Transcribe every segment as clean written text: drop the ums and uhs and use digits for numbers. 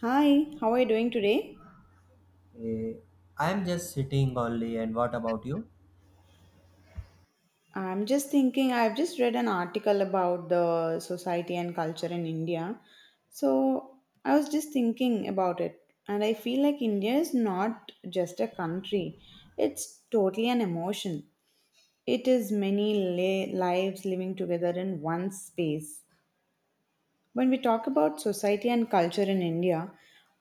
Hi, how are you doing today? Eh, I'm just sitting only, and what about you? I'm just thinking, I've just read an article about the society and culture in India. So I was just thinking about it, and I feel like India is not just a country, it's totally an emotion. It is many lives living together in one space. When we talk about society and culture in India,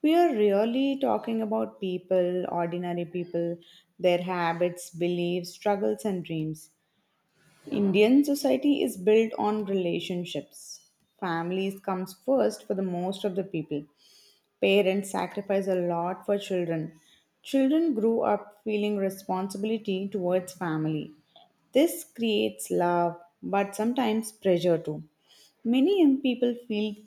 we are really talking about people, ordinary people, their habits, beliefs, struggles, and dreams. Indian society is built on relationships. Families comes first for the most of the people. Parents sacrifice a lot for children. Children grow up feeling responsibility towards family. This creates love, but sometimes pressure too. Many young people feel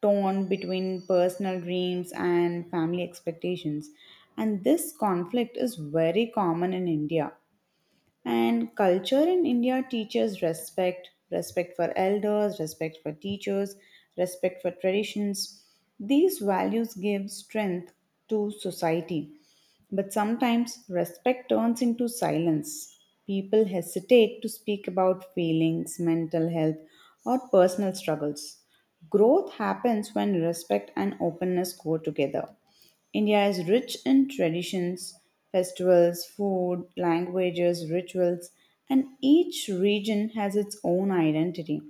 torn between personal dreams and family expectations, and this conflict is very common in India. And culture in India teaches respect, respect for elders, respect for teachers, respect for traditions. These values give strength to society. But sometimes respect turns into silence. People hesitate to speak about feelings, mental health, or personal struggles. Growth happens when respect and openness go together. India is rich in traditions, festivals, food, languages, rituals, and each region has its own identity.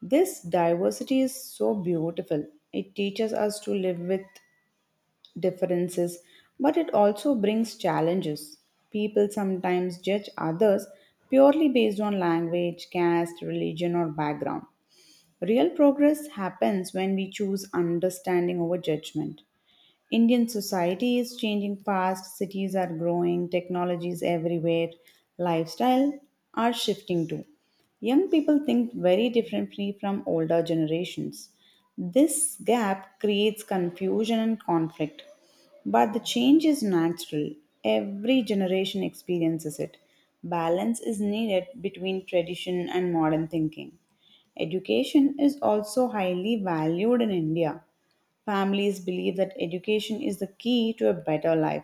This diversity is so beautiful. It teaches us to live with differences, but it also brings challenges. People sometimes judge others purely based on language, caste, religion, or background. Real progress happens when we choose understanding over judgment. Indian society is changing fast, cities are growing, technologies everywhere, lifestyle are shifting too. Young people think very differently from older generations. This gap creates confusion and conflict. But the change is natural. Every generation experiences it. Balance is needed between tradition and modern thinking. Education is also highly valued in India. Families believe that education is the key to a better life.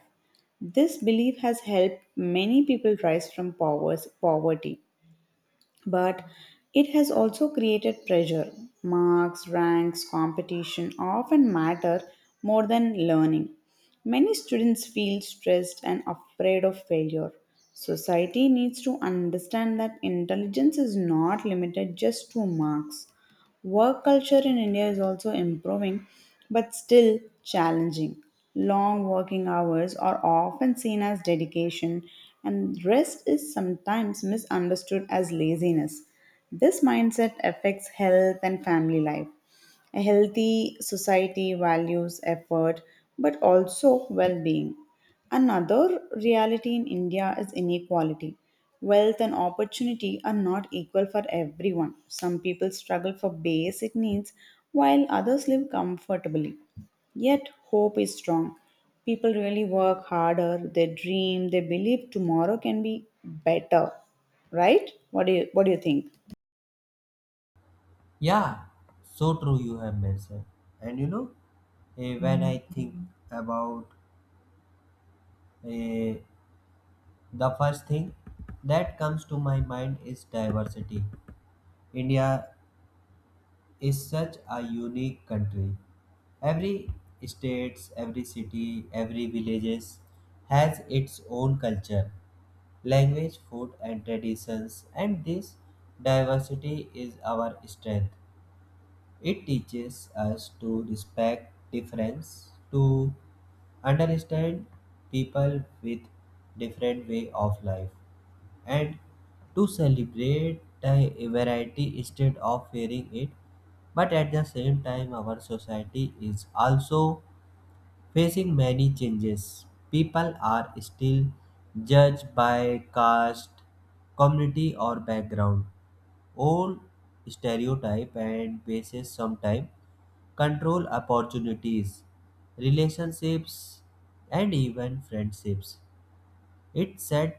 This belief has helped many people rise from poverty, but it has also created pressure. Marks, ranks, competition often matter more than learning. Many students feel stressed and afraid of failure. Society needs to understand that intelligence is not limited just to marks. Work culture in India is also improving, but still challenging. Long working hours are often seen as dedication, and rest is sometimes misunderstood as laziness. This mindset affects health and family life. A healthy society values effort but also well being. Another reality in India is inequality. Wealth and opportunity are not equal for everyone. Some people struggle for basic needs while others live comfortably. Yet, hope is strong. People really work harder, they dream, they believe tomorrow can be better. Right? What do you think? Yeah, so true you have mentioned. And you know, when I think about eh, the first thing that comes to my mind is diversity. India is such a unique country. Every states, every city, every villages has its own culture language, food, and traditions, and this diversity is our strength. It teaches us to respect difference, to understand people with different way of life, and to celebrate the variety instead of fearing it. But at the same time, our society is also facing many changes. People are still judged by caste, community, or background. Old stereotype and basis sometimes control opportunities, relationships, and even friendships. It's sad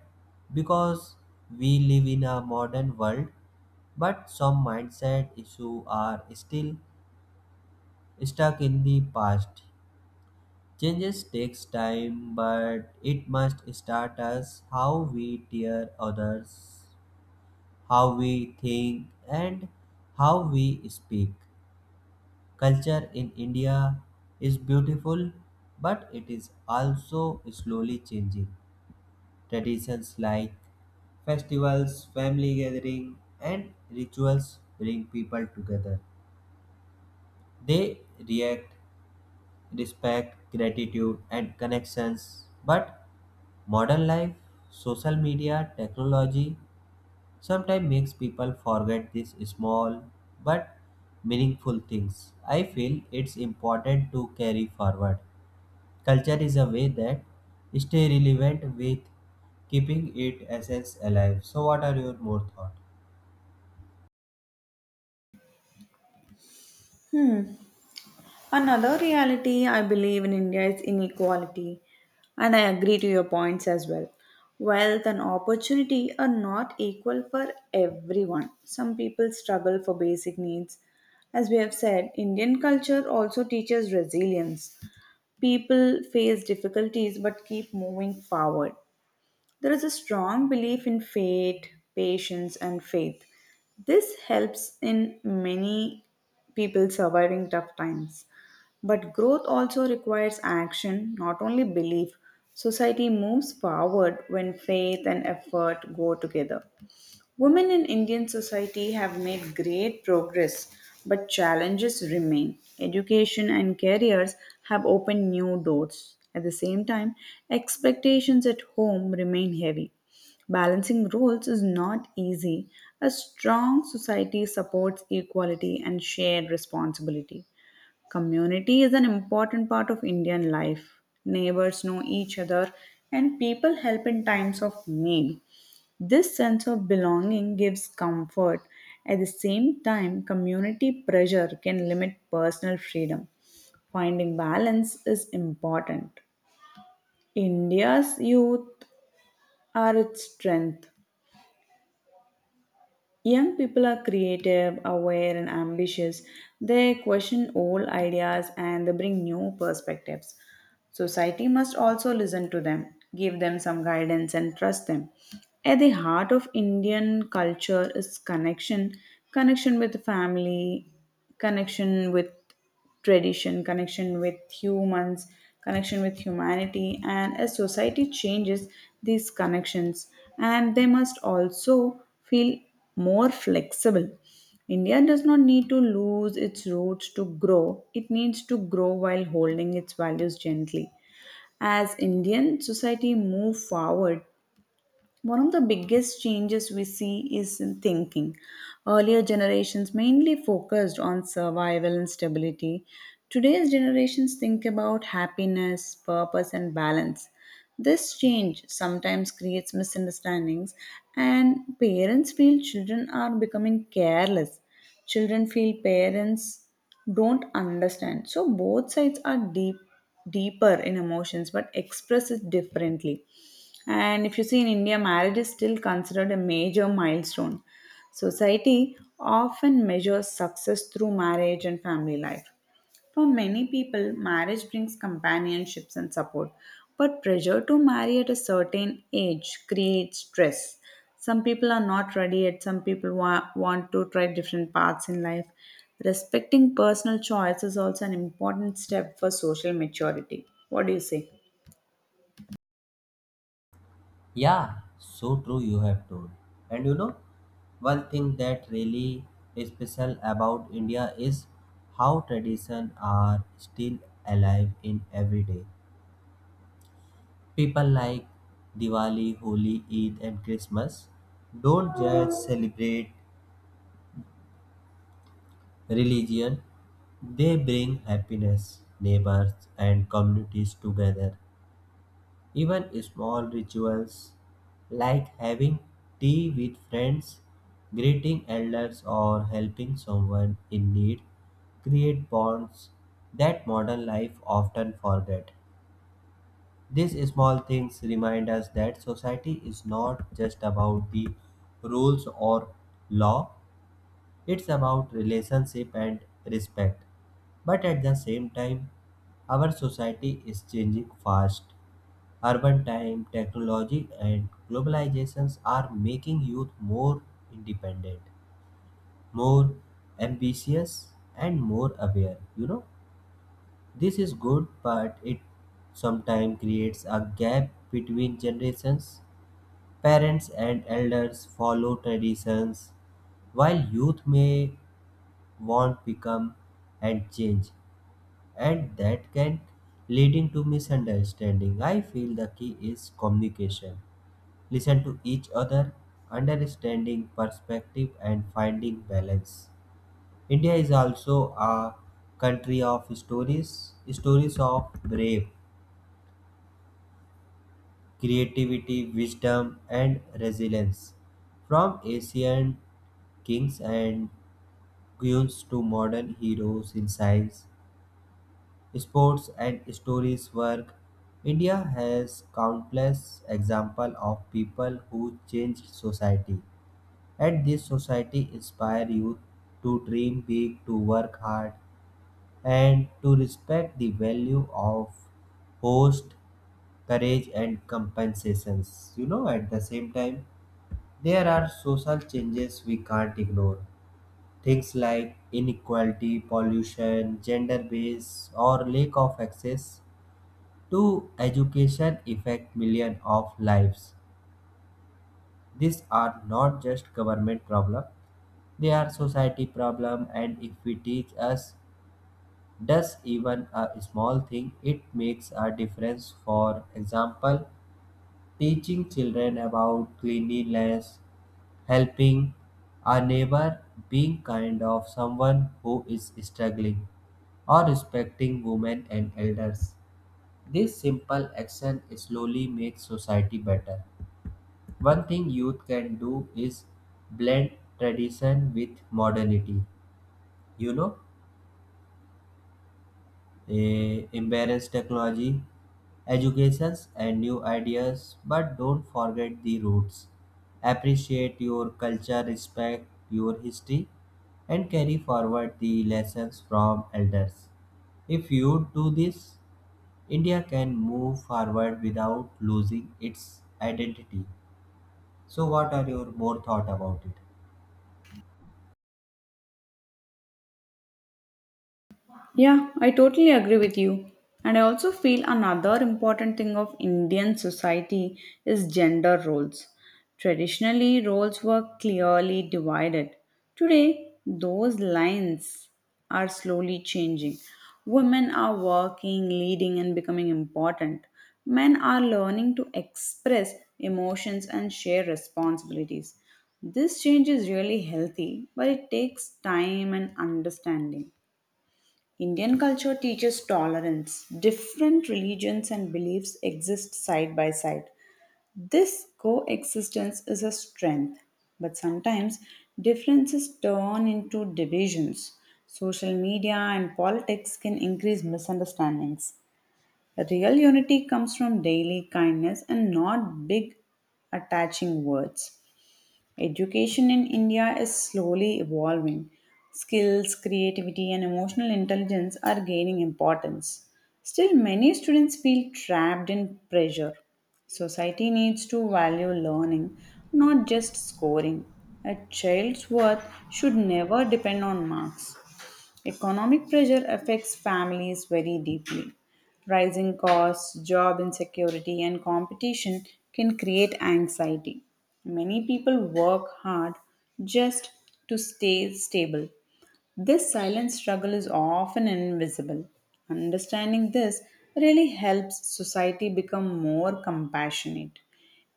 because we live in a modern world, but some mindset issues are still stuck in the past. Changes takes time, but it must start us how we tear others, how we think, and how we speak. Culture in India is beautiful, but it is also slowly changing. Traditions like festivals, family gathering, and rituals bring people together. They react, respect, gratitude, and connections. But modern life, social media, technology sometimes makes people forget these small but meaningful things. I feel it's important to carry forward. Culture is a way that stay relevant with keeping its essence alive. So what are your more thought? Hmm. Another reality I believe in India is inequality, and I agree to your points as well. Wealth and opportunity are not equal for everyone. Some people struggle for basic needs. As we have said, Indian culture also teaches resilience. People face difficulties but keep moving forward. There is a strong belief in fate, patience, and faith. This helps in many people surviving tough times. But growth also requires action, not only belief. Society moves forward when faith and effort go together. Women in Indian society have made great progress, but challenges remain. Education and careers have opened new doors. At the same time, expectations at home remain heavy. Balancing roles is not easy. A strong society supports equality and shared responsibility. Community is an important part of Indian life. Neighbors know each other, and people help in times of need. This sense of belonging gives comfort. At the same time, community pressure can limit personal freedom. Finding balance is important. India's youth are its strength. Young people are creative, aware, and ambitious. They question old ideas and they bring new perspectives. Society must also listen to them, give them some guidance, and trust them. At the heart of Indian culture is connection, connection with family, connection with tradition, connection with humans, connection with humanity. And as society changes these connections, and they must also feel more flexible. India does not need to lose its roots to grow, it needs to grow while holding its values gently. As Indian society move forward, one of the biggest changes we see is in thinking. Earlier generations mainly focused on survival and stability. Today's generations think about happiness, purpose, and balance. This change sometimes creates misunderstandings, and parents feel children are becoming careless. Children feel parents don't understand. So, both sides are deep, deeper in emotions but express it differently. And if you see in India, marriage is still considered a major milestone. Society often measures success through marriage and family life. For many people, marriage brings companionships and support, but pressure to marry at a certain age creates stress. Some people are not ready yet, some people want to try different paths in life. Respecting personal choice is also an important step for social maturity. What do you say? Yeah, so true you have told. And you know, one thing that really is special about India is how tradition are still alive in every day. People like Diwali, Holi, Eid and Christmas don't just celebrate religion. They bring happiness, neighbors, and communities together. Even small rituals like having tea with friends, greeting elders, or helping someone in need create bonds that modern life often forget. These small things remind us that society is not just about the rules or law, it's about relationship and respect. But at the same time, our society is changing fast. Urban time, technology, and globalizations are making youth more independent, more ambitious, and more aware. You know, this is good, but it sometimes creates a gap between generations. Parents and elders follow traditions, while youth may want become and change, and that can leading to misunderstanding. I feel the key is communication, listen to each other, understanding perspective, and finding balance. India is also a country of stories, stories of brave creativity, wisdom, and resilience, from ancient kings and queens to modern heroes in science, sports, and stories work. India has countless examples of people who changed society, and this society inspire youth to dream big, to work hard, and to respect the value of host, courage, and compensations. You know, at the same time, there are social changes we can't ignore. Things like inequality, pollution, gender based, or lack of access do education affect millions of lives? These are not just government problem; they are society problem. And if we teach us, does even a small thing, it makes a difference. For example, teaching children about cleanliness, helping a neighbor, being kind of someone who is struggling, or respecting women and elders. This simple action slowly makes society better. One thing youth can do is blend tradition with modernity. You know, embrace technology, educations, and new ideas, but don't forget the roots. Appreciate your culture, respect your history, and carry forward the lessons from elders. If you do this, India can move forward without losing its identity. So, what are your more thought about it? Yeah, I totally agree with you. And I also feel another important thing of Indian society is gender roles. Traditionally, roles were clearly divided. Today, those lines are slowly changing. Women are working, leading, and becoming important. Men are learning to express emotions and share responsibilities. This change is really healthy, but it takes time and understanding. Indian culture teaches tolerance. Different religions and beliefs exist side by side. This coexistence is a strength, but sometimes differences turn into divisions. Social media and politics can increase misunderstandings. Real unity comes from daily kindness and not big attaching words. Education in India is slowly evolving. Skills, creativity, and emotional intelligence are gaining importance. Still, many students feel trapped in pressure. Society needs to value learning, not just scoring. A child's worth should never depend on marks. Economic pressure affects families very deeply. Rising costs, job insecurity, and competition can create anxiety. Many people work hard just to stay stable, this silent struggle is often invisible. Understanding this really helps society become more compassionate.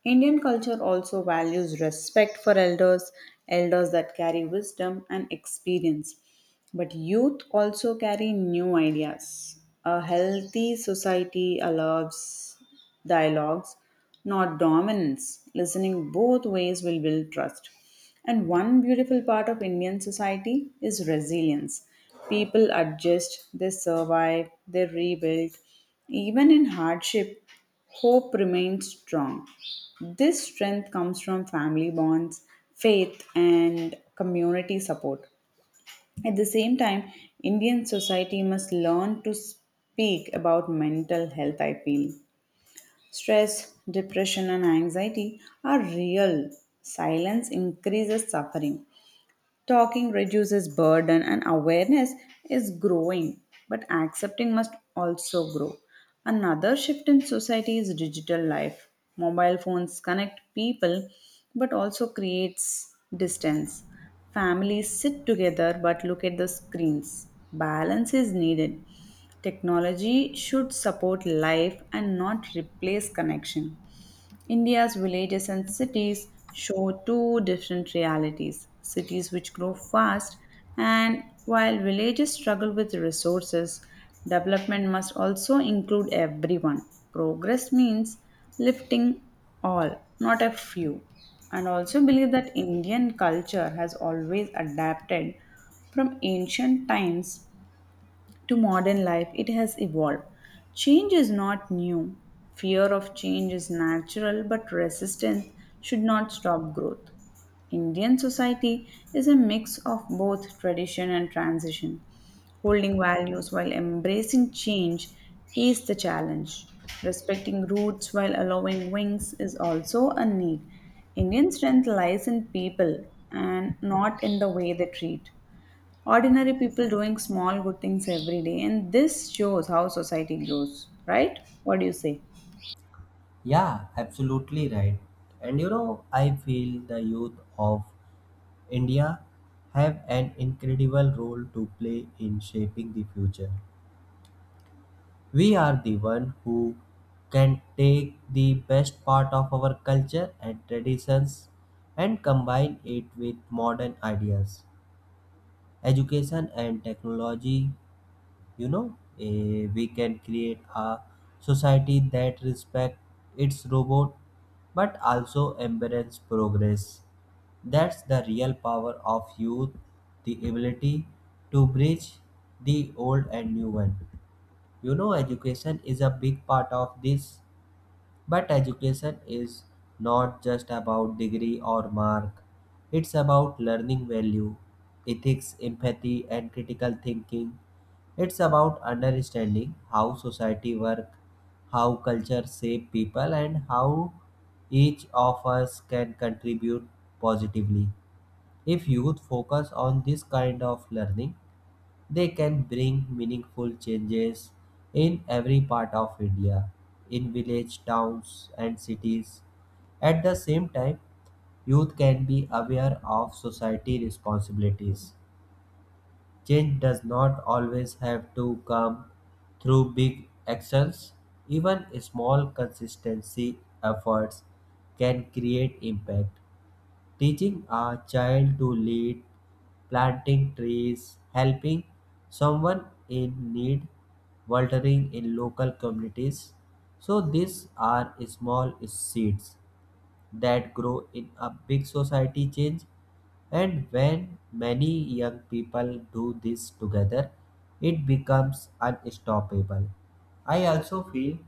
Indian culture also values respect for elders, elders that carry wisdom and experience. But youth also carry new ideas. A healthy society allows dialogues, not dominance. Listening both ways will build trust. And one beautiful part of Indian society is resilience. People adjust, they survive, they rebuild. Even in hardship, hope remains strong. This strength comes from family bonds, faith, and community support. At the same time, Indian society must learn to speak about mental health, I feel. Stress, depression, and anxiety are real. Silence increases suffering. Talking reduces burden and awareness is growing, but accepting must also grow. Another shift in society is digital life. Mobile phones connect people but also creates distance. Families sit together but look at the screens. Balance is needed. Technology should support life and not replace connection. India's villages and cities show two different realities, cities which grow fast, and while villages struggle with resources, development must also include everyone. Progress means lifting all, not a few. And also believe that Indian culture has always adapted from ancient times to modern life, it has evolved. Change is not new. Fear of change is natural, but resistance should not stop growth. Indian society is a mix of both tradition and transition. Holding values while embracing change is the challenge. Respecting roots while allowing wings is also a need. Indian strength lies in people and not in the way they treat ordinary people, doing small good things every day, and this shows how society grows. Right? What do you say? Yeah, absolutely right. And you know, I feel the youth of India have an incredible role to play in shaping the future. We are the one who can take the best part of our culture and traditions and combine it with modern ideas, education and technology. You know, we can create a society that respects its robot but also embraces progress. That's the real power of youth, the ability to bridge the old and new one. You know, education is a big part of this, but education is not just about degree or mark. It's about learning value, ethics, empathy, and critical thinking. It's about understanding how society works, how culture shape people, and how each of us can contribute positively. If youth focus on this kind of learning, they can bring meaningful changes in every part of India, in village, towns, and cities. At the same time, youth can be aware of society responsibilities. Change does not always have to come through big actions. Even small consistency efforts can create impact. Teaching a child to lead, planting trees, helping someone in need, volunteering in local communities. So these are small seeds that grow in a big society change. And when many young people do this together, it becomes unstoppable. I also feel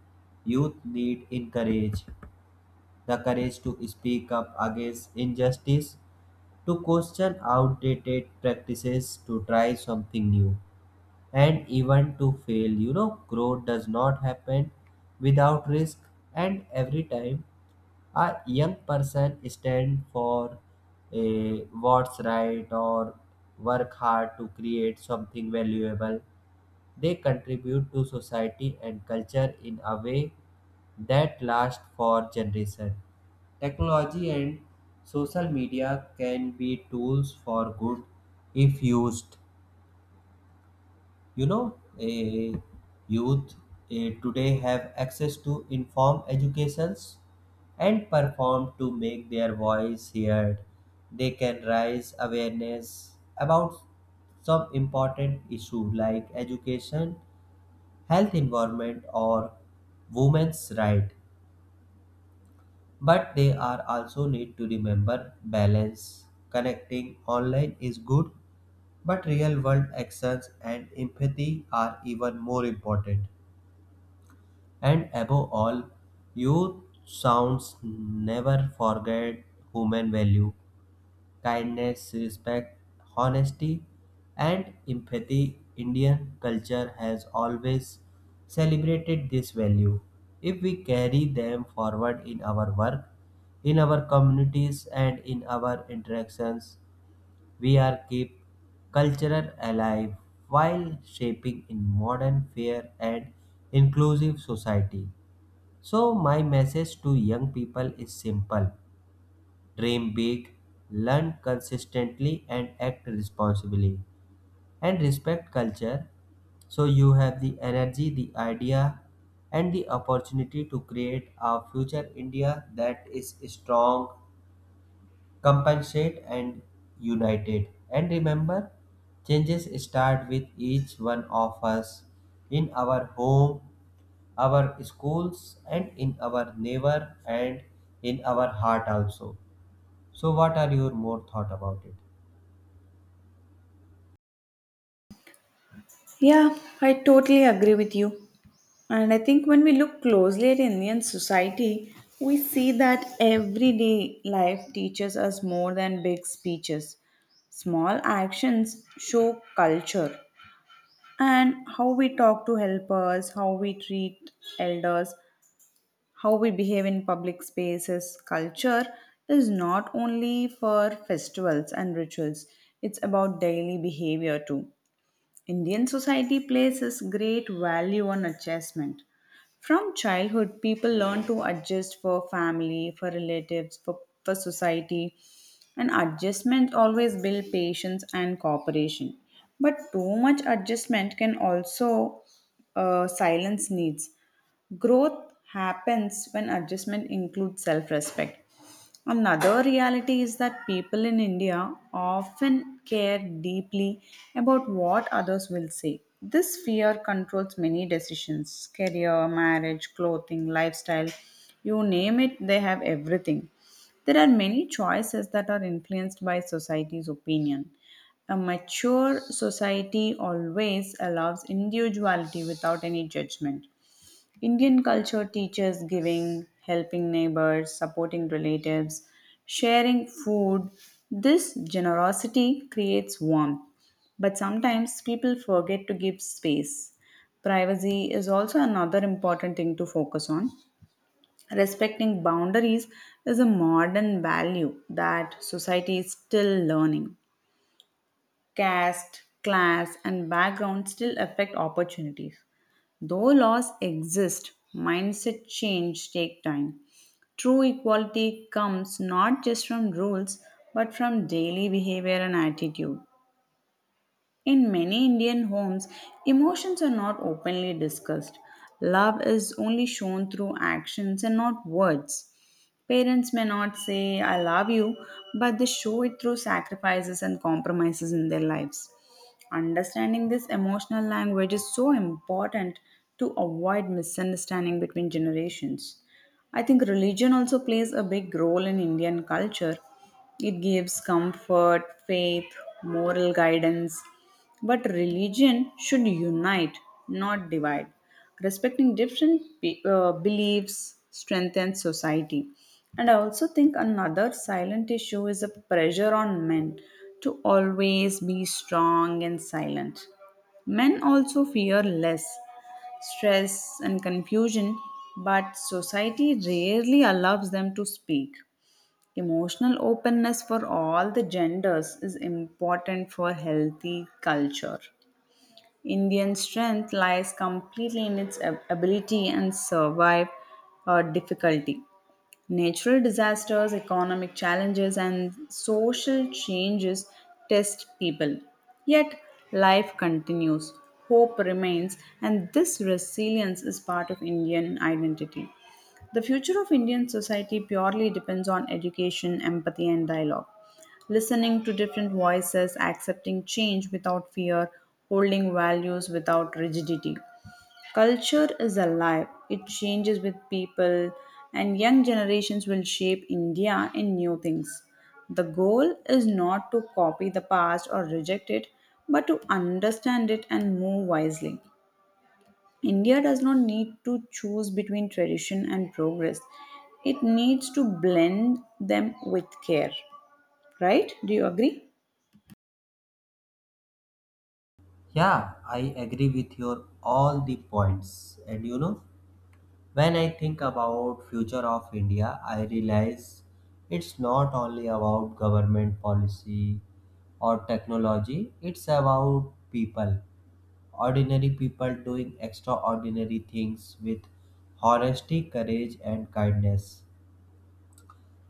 youth need encourage the courage to speak up against injustice, to question outdated practices, to try something new, and even to fail. You know, growth does not happen without risk, and every time a young person stand for a what's right or work hard to create something valuable, they contribute to society and culture in a way that lasts for generations. Technology and social media can be tools for good if used. You know, a youth today have access to informed educations and perform to make their voice heard. They can raise awareness about some important issue like education, health, environment, or women's right. But they are also need to remember balance. Connecting online is good, but real world actions and empathy are even more important. And above all, youth sounds never forget human value. Kindness, respect, honesty, and empathy. Indian culture has always celebrated this value. If we carry them forward in our work, in our communities, and in our interactions, we are keep culture alive while shaping in modern, fair, and inclusive society. So, my message to young people is simple, dream big, learn consistently, and act responsibly. And respect culture so you have the energy, the idea, and the opportunity to create a future India that is strong, compensate, and united. And remember, changes start with each one of us, in our home, our schools, and in our neighbor, and in our heart also. So what are your more thought about it? Yeah, I totally agree with you. And I think when we look closely at Indian society, we see that everyday life teaches us more than big speeches. Small actions show culture, and how we talk to helpers, how we treat elders, how we behave in public spaces. Culture is not only for festivals and rituals, it's about daily behavior too. Indian society places great value on adjustment. From childhood, people learn to adjust for family, for relatives, for society, and adjustment always build patience and cooperation. But too much adjustment can also silence needs. Growth happens when adjustment includes self respect. Another reality is that people in India often care deeply about what others will say. This fear controls many decisions, career, marriage, clothing, lifestyle, you name it, they have everything. There are many choices that are influenced by society's opinion. A mature society always allows individuality without any judgment. Indian culture teaches giving, helping neighbors, supporting relatives, sharing food. This generosity creates warmth, but sometimes people forget to give space. Privacy is also another important thing to focus on. Respecting boundaries is a modern value that society is still learning. Caste, class, and background still affect opportunities. Though laws exist, mindset change take time. True equality comes not just from rules but from daily behavior and attitude. In many Indian homes, emotions are not openly discussed. Love is only shown through actions and not words. Parents may not say, I love you, but they show it through sacrifices and compromises in their lives. Understanding this emotional language is so important to avoid misunderstanding between generations. I think religion also plays a big role in Indian culture. It gives comfort, faith, moral guidance. But religion should unite, not divide. Respecting different beliefs strengthens society. And I also think another silent issue is a pressure on men to always be strong and silent. Men also fear less stress and confusion, but society rarely allows them to speak. Emotional openness for all the genders is important for healthy culture. Indian strength lies completely in its ability and survive difficulty. Natural disasters, economic challenges, and social changes test people. Yet, life continues, hope remains, and this resilience is part of Indian identity. The future of Indian society purely depends on education, empathy, and dialogue. Listening to different voices, accepting change without fear, holding values without rigidity. Culture is alive, it changes with people, and young generations will shape India in new things. The goal is not to copy the past or reject it, but to understand it and move wisely. India does not need to choose between tradition and progress. It needs to blend them with care. Right? Do you agree? Yeah, I agree with your all the points. And you know, when I think about future of India, I realize it's not only about government policy or technology, it's about people, ordinary people doing extraordinary things with honesty, courage and kindness.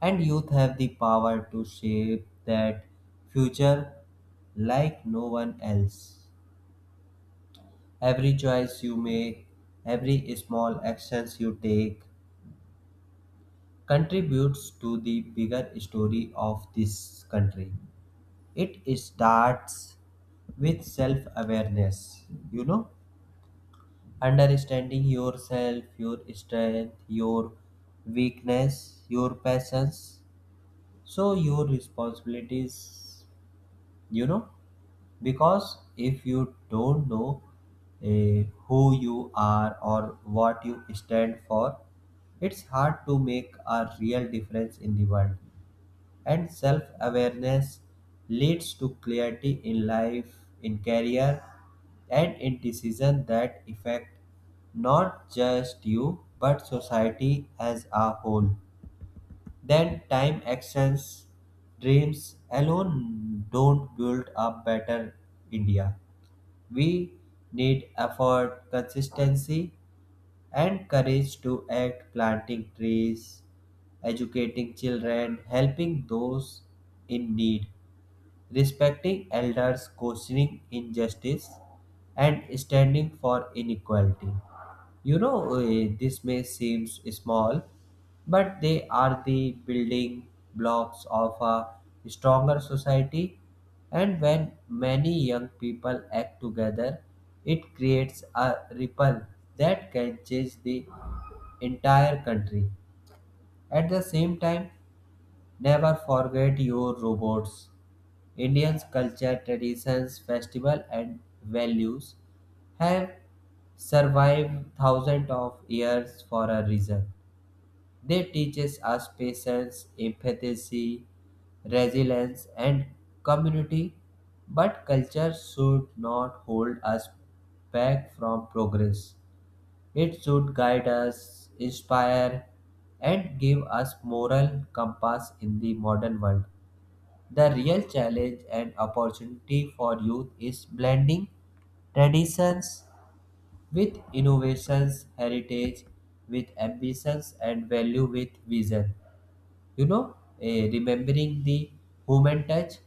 And youth have the power to shape that future like no one else. Every choice you make, every small actions you take contributes to the bigger story of this country. It starts with self-awareness, you know, understanding yourself, your strength, your weakness, your passions, so your responsibilities. You know, because if you don't know who you are or what you stand for, it's hard to make a real difference in the world. And self awareness leads to clarity in life, in career, and in decisions that affect not just you but society as a whole. Then time, actions, dreams alone don't build a better India. We need effort, consistency, and courage to act, planting trees, educating children, helping those in need, respecting elders, questioning injustice, and standing for inequality. You know, this may seem small, but they are the building blocks of a stronger society. And when many young people act together, it creates a ripple that can change the entire country. At the same time, never forget your robots. Indians' culture, traditions, festival, and values have survived thousands of years for a reason. They teaches us patience, empathy, resilience, and community. But culture should not hold us back from progress. It should guide us, inspire, and give us moral compass in the modern world. The real challenge and opportunity for youth is blending traditions with innovations, heritage with ambitions, and value with vision. You know, remembering the human touch,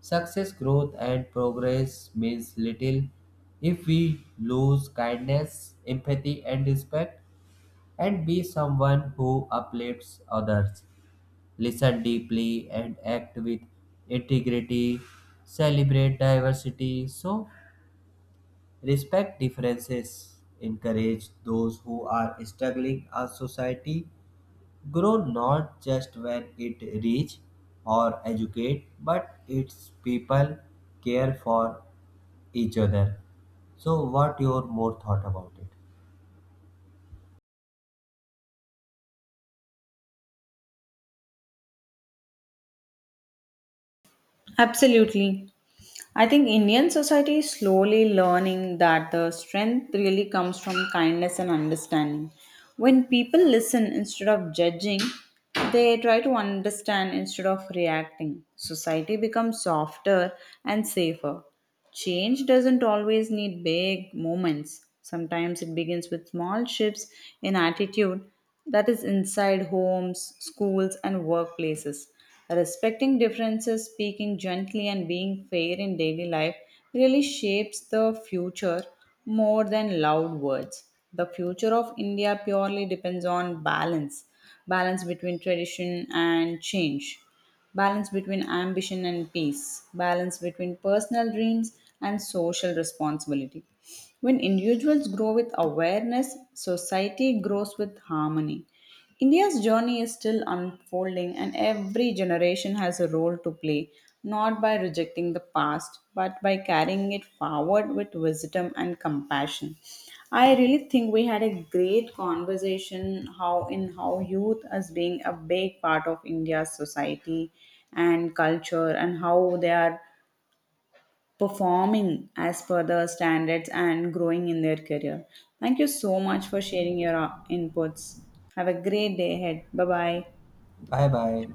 success, growth, and progress means little if we lose kindness, empathy, and respect, and be someone who uplifts others. Listen deeply and act with integrity. Celebrate diversity. So, respect differences. Encourage those who are struggling. A society grow not just when it reach or educate, but its people care for each other. So, what your more thought about it? Absolutely. I think Indian society is slowly learning that the strength really comes from kindness and understanding. When people listen instead of judging, they try to understand instead of reacting. Society becomes softer and safer. Change doesn't always need big moments. Sometimes it begins with small shifts in attitude, that is inside homes, schools, and workplaces. Respecting differences, speaking gently, and being fair in daily life really shapes the future more than loud words. The future of India purely depends on balance, balance between tradition and change, balance between ambition and peace, balance between personal dreams and social responsibility. When individuals grow with awareness, society grows with harmony. India's journey is still unfolding, and every generation has a role to play, not by rejecting the past, but by carrying it forward with wisdom and compassion. I really think we had a great conversation, how in how youth as being a big part of India's society and culture and how they are performing as per the standards and growing in their career. Thank you so much for sharing your inputs. Have a great day ahead. Bye bye. Bye bye.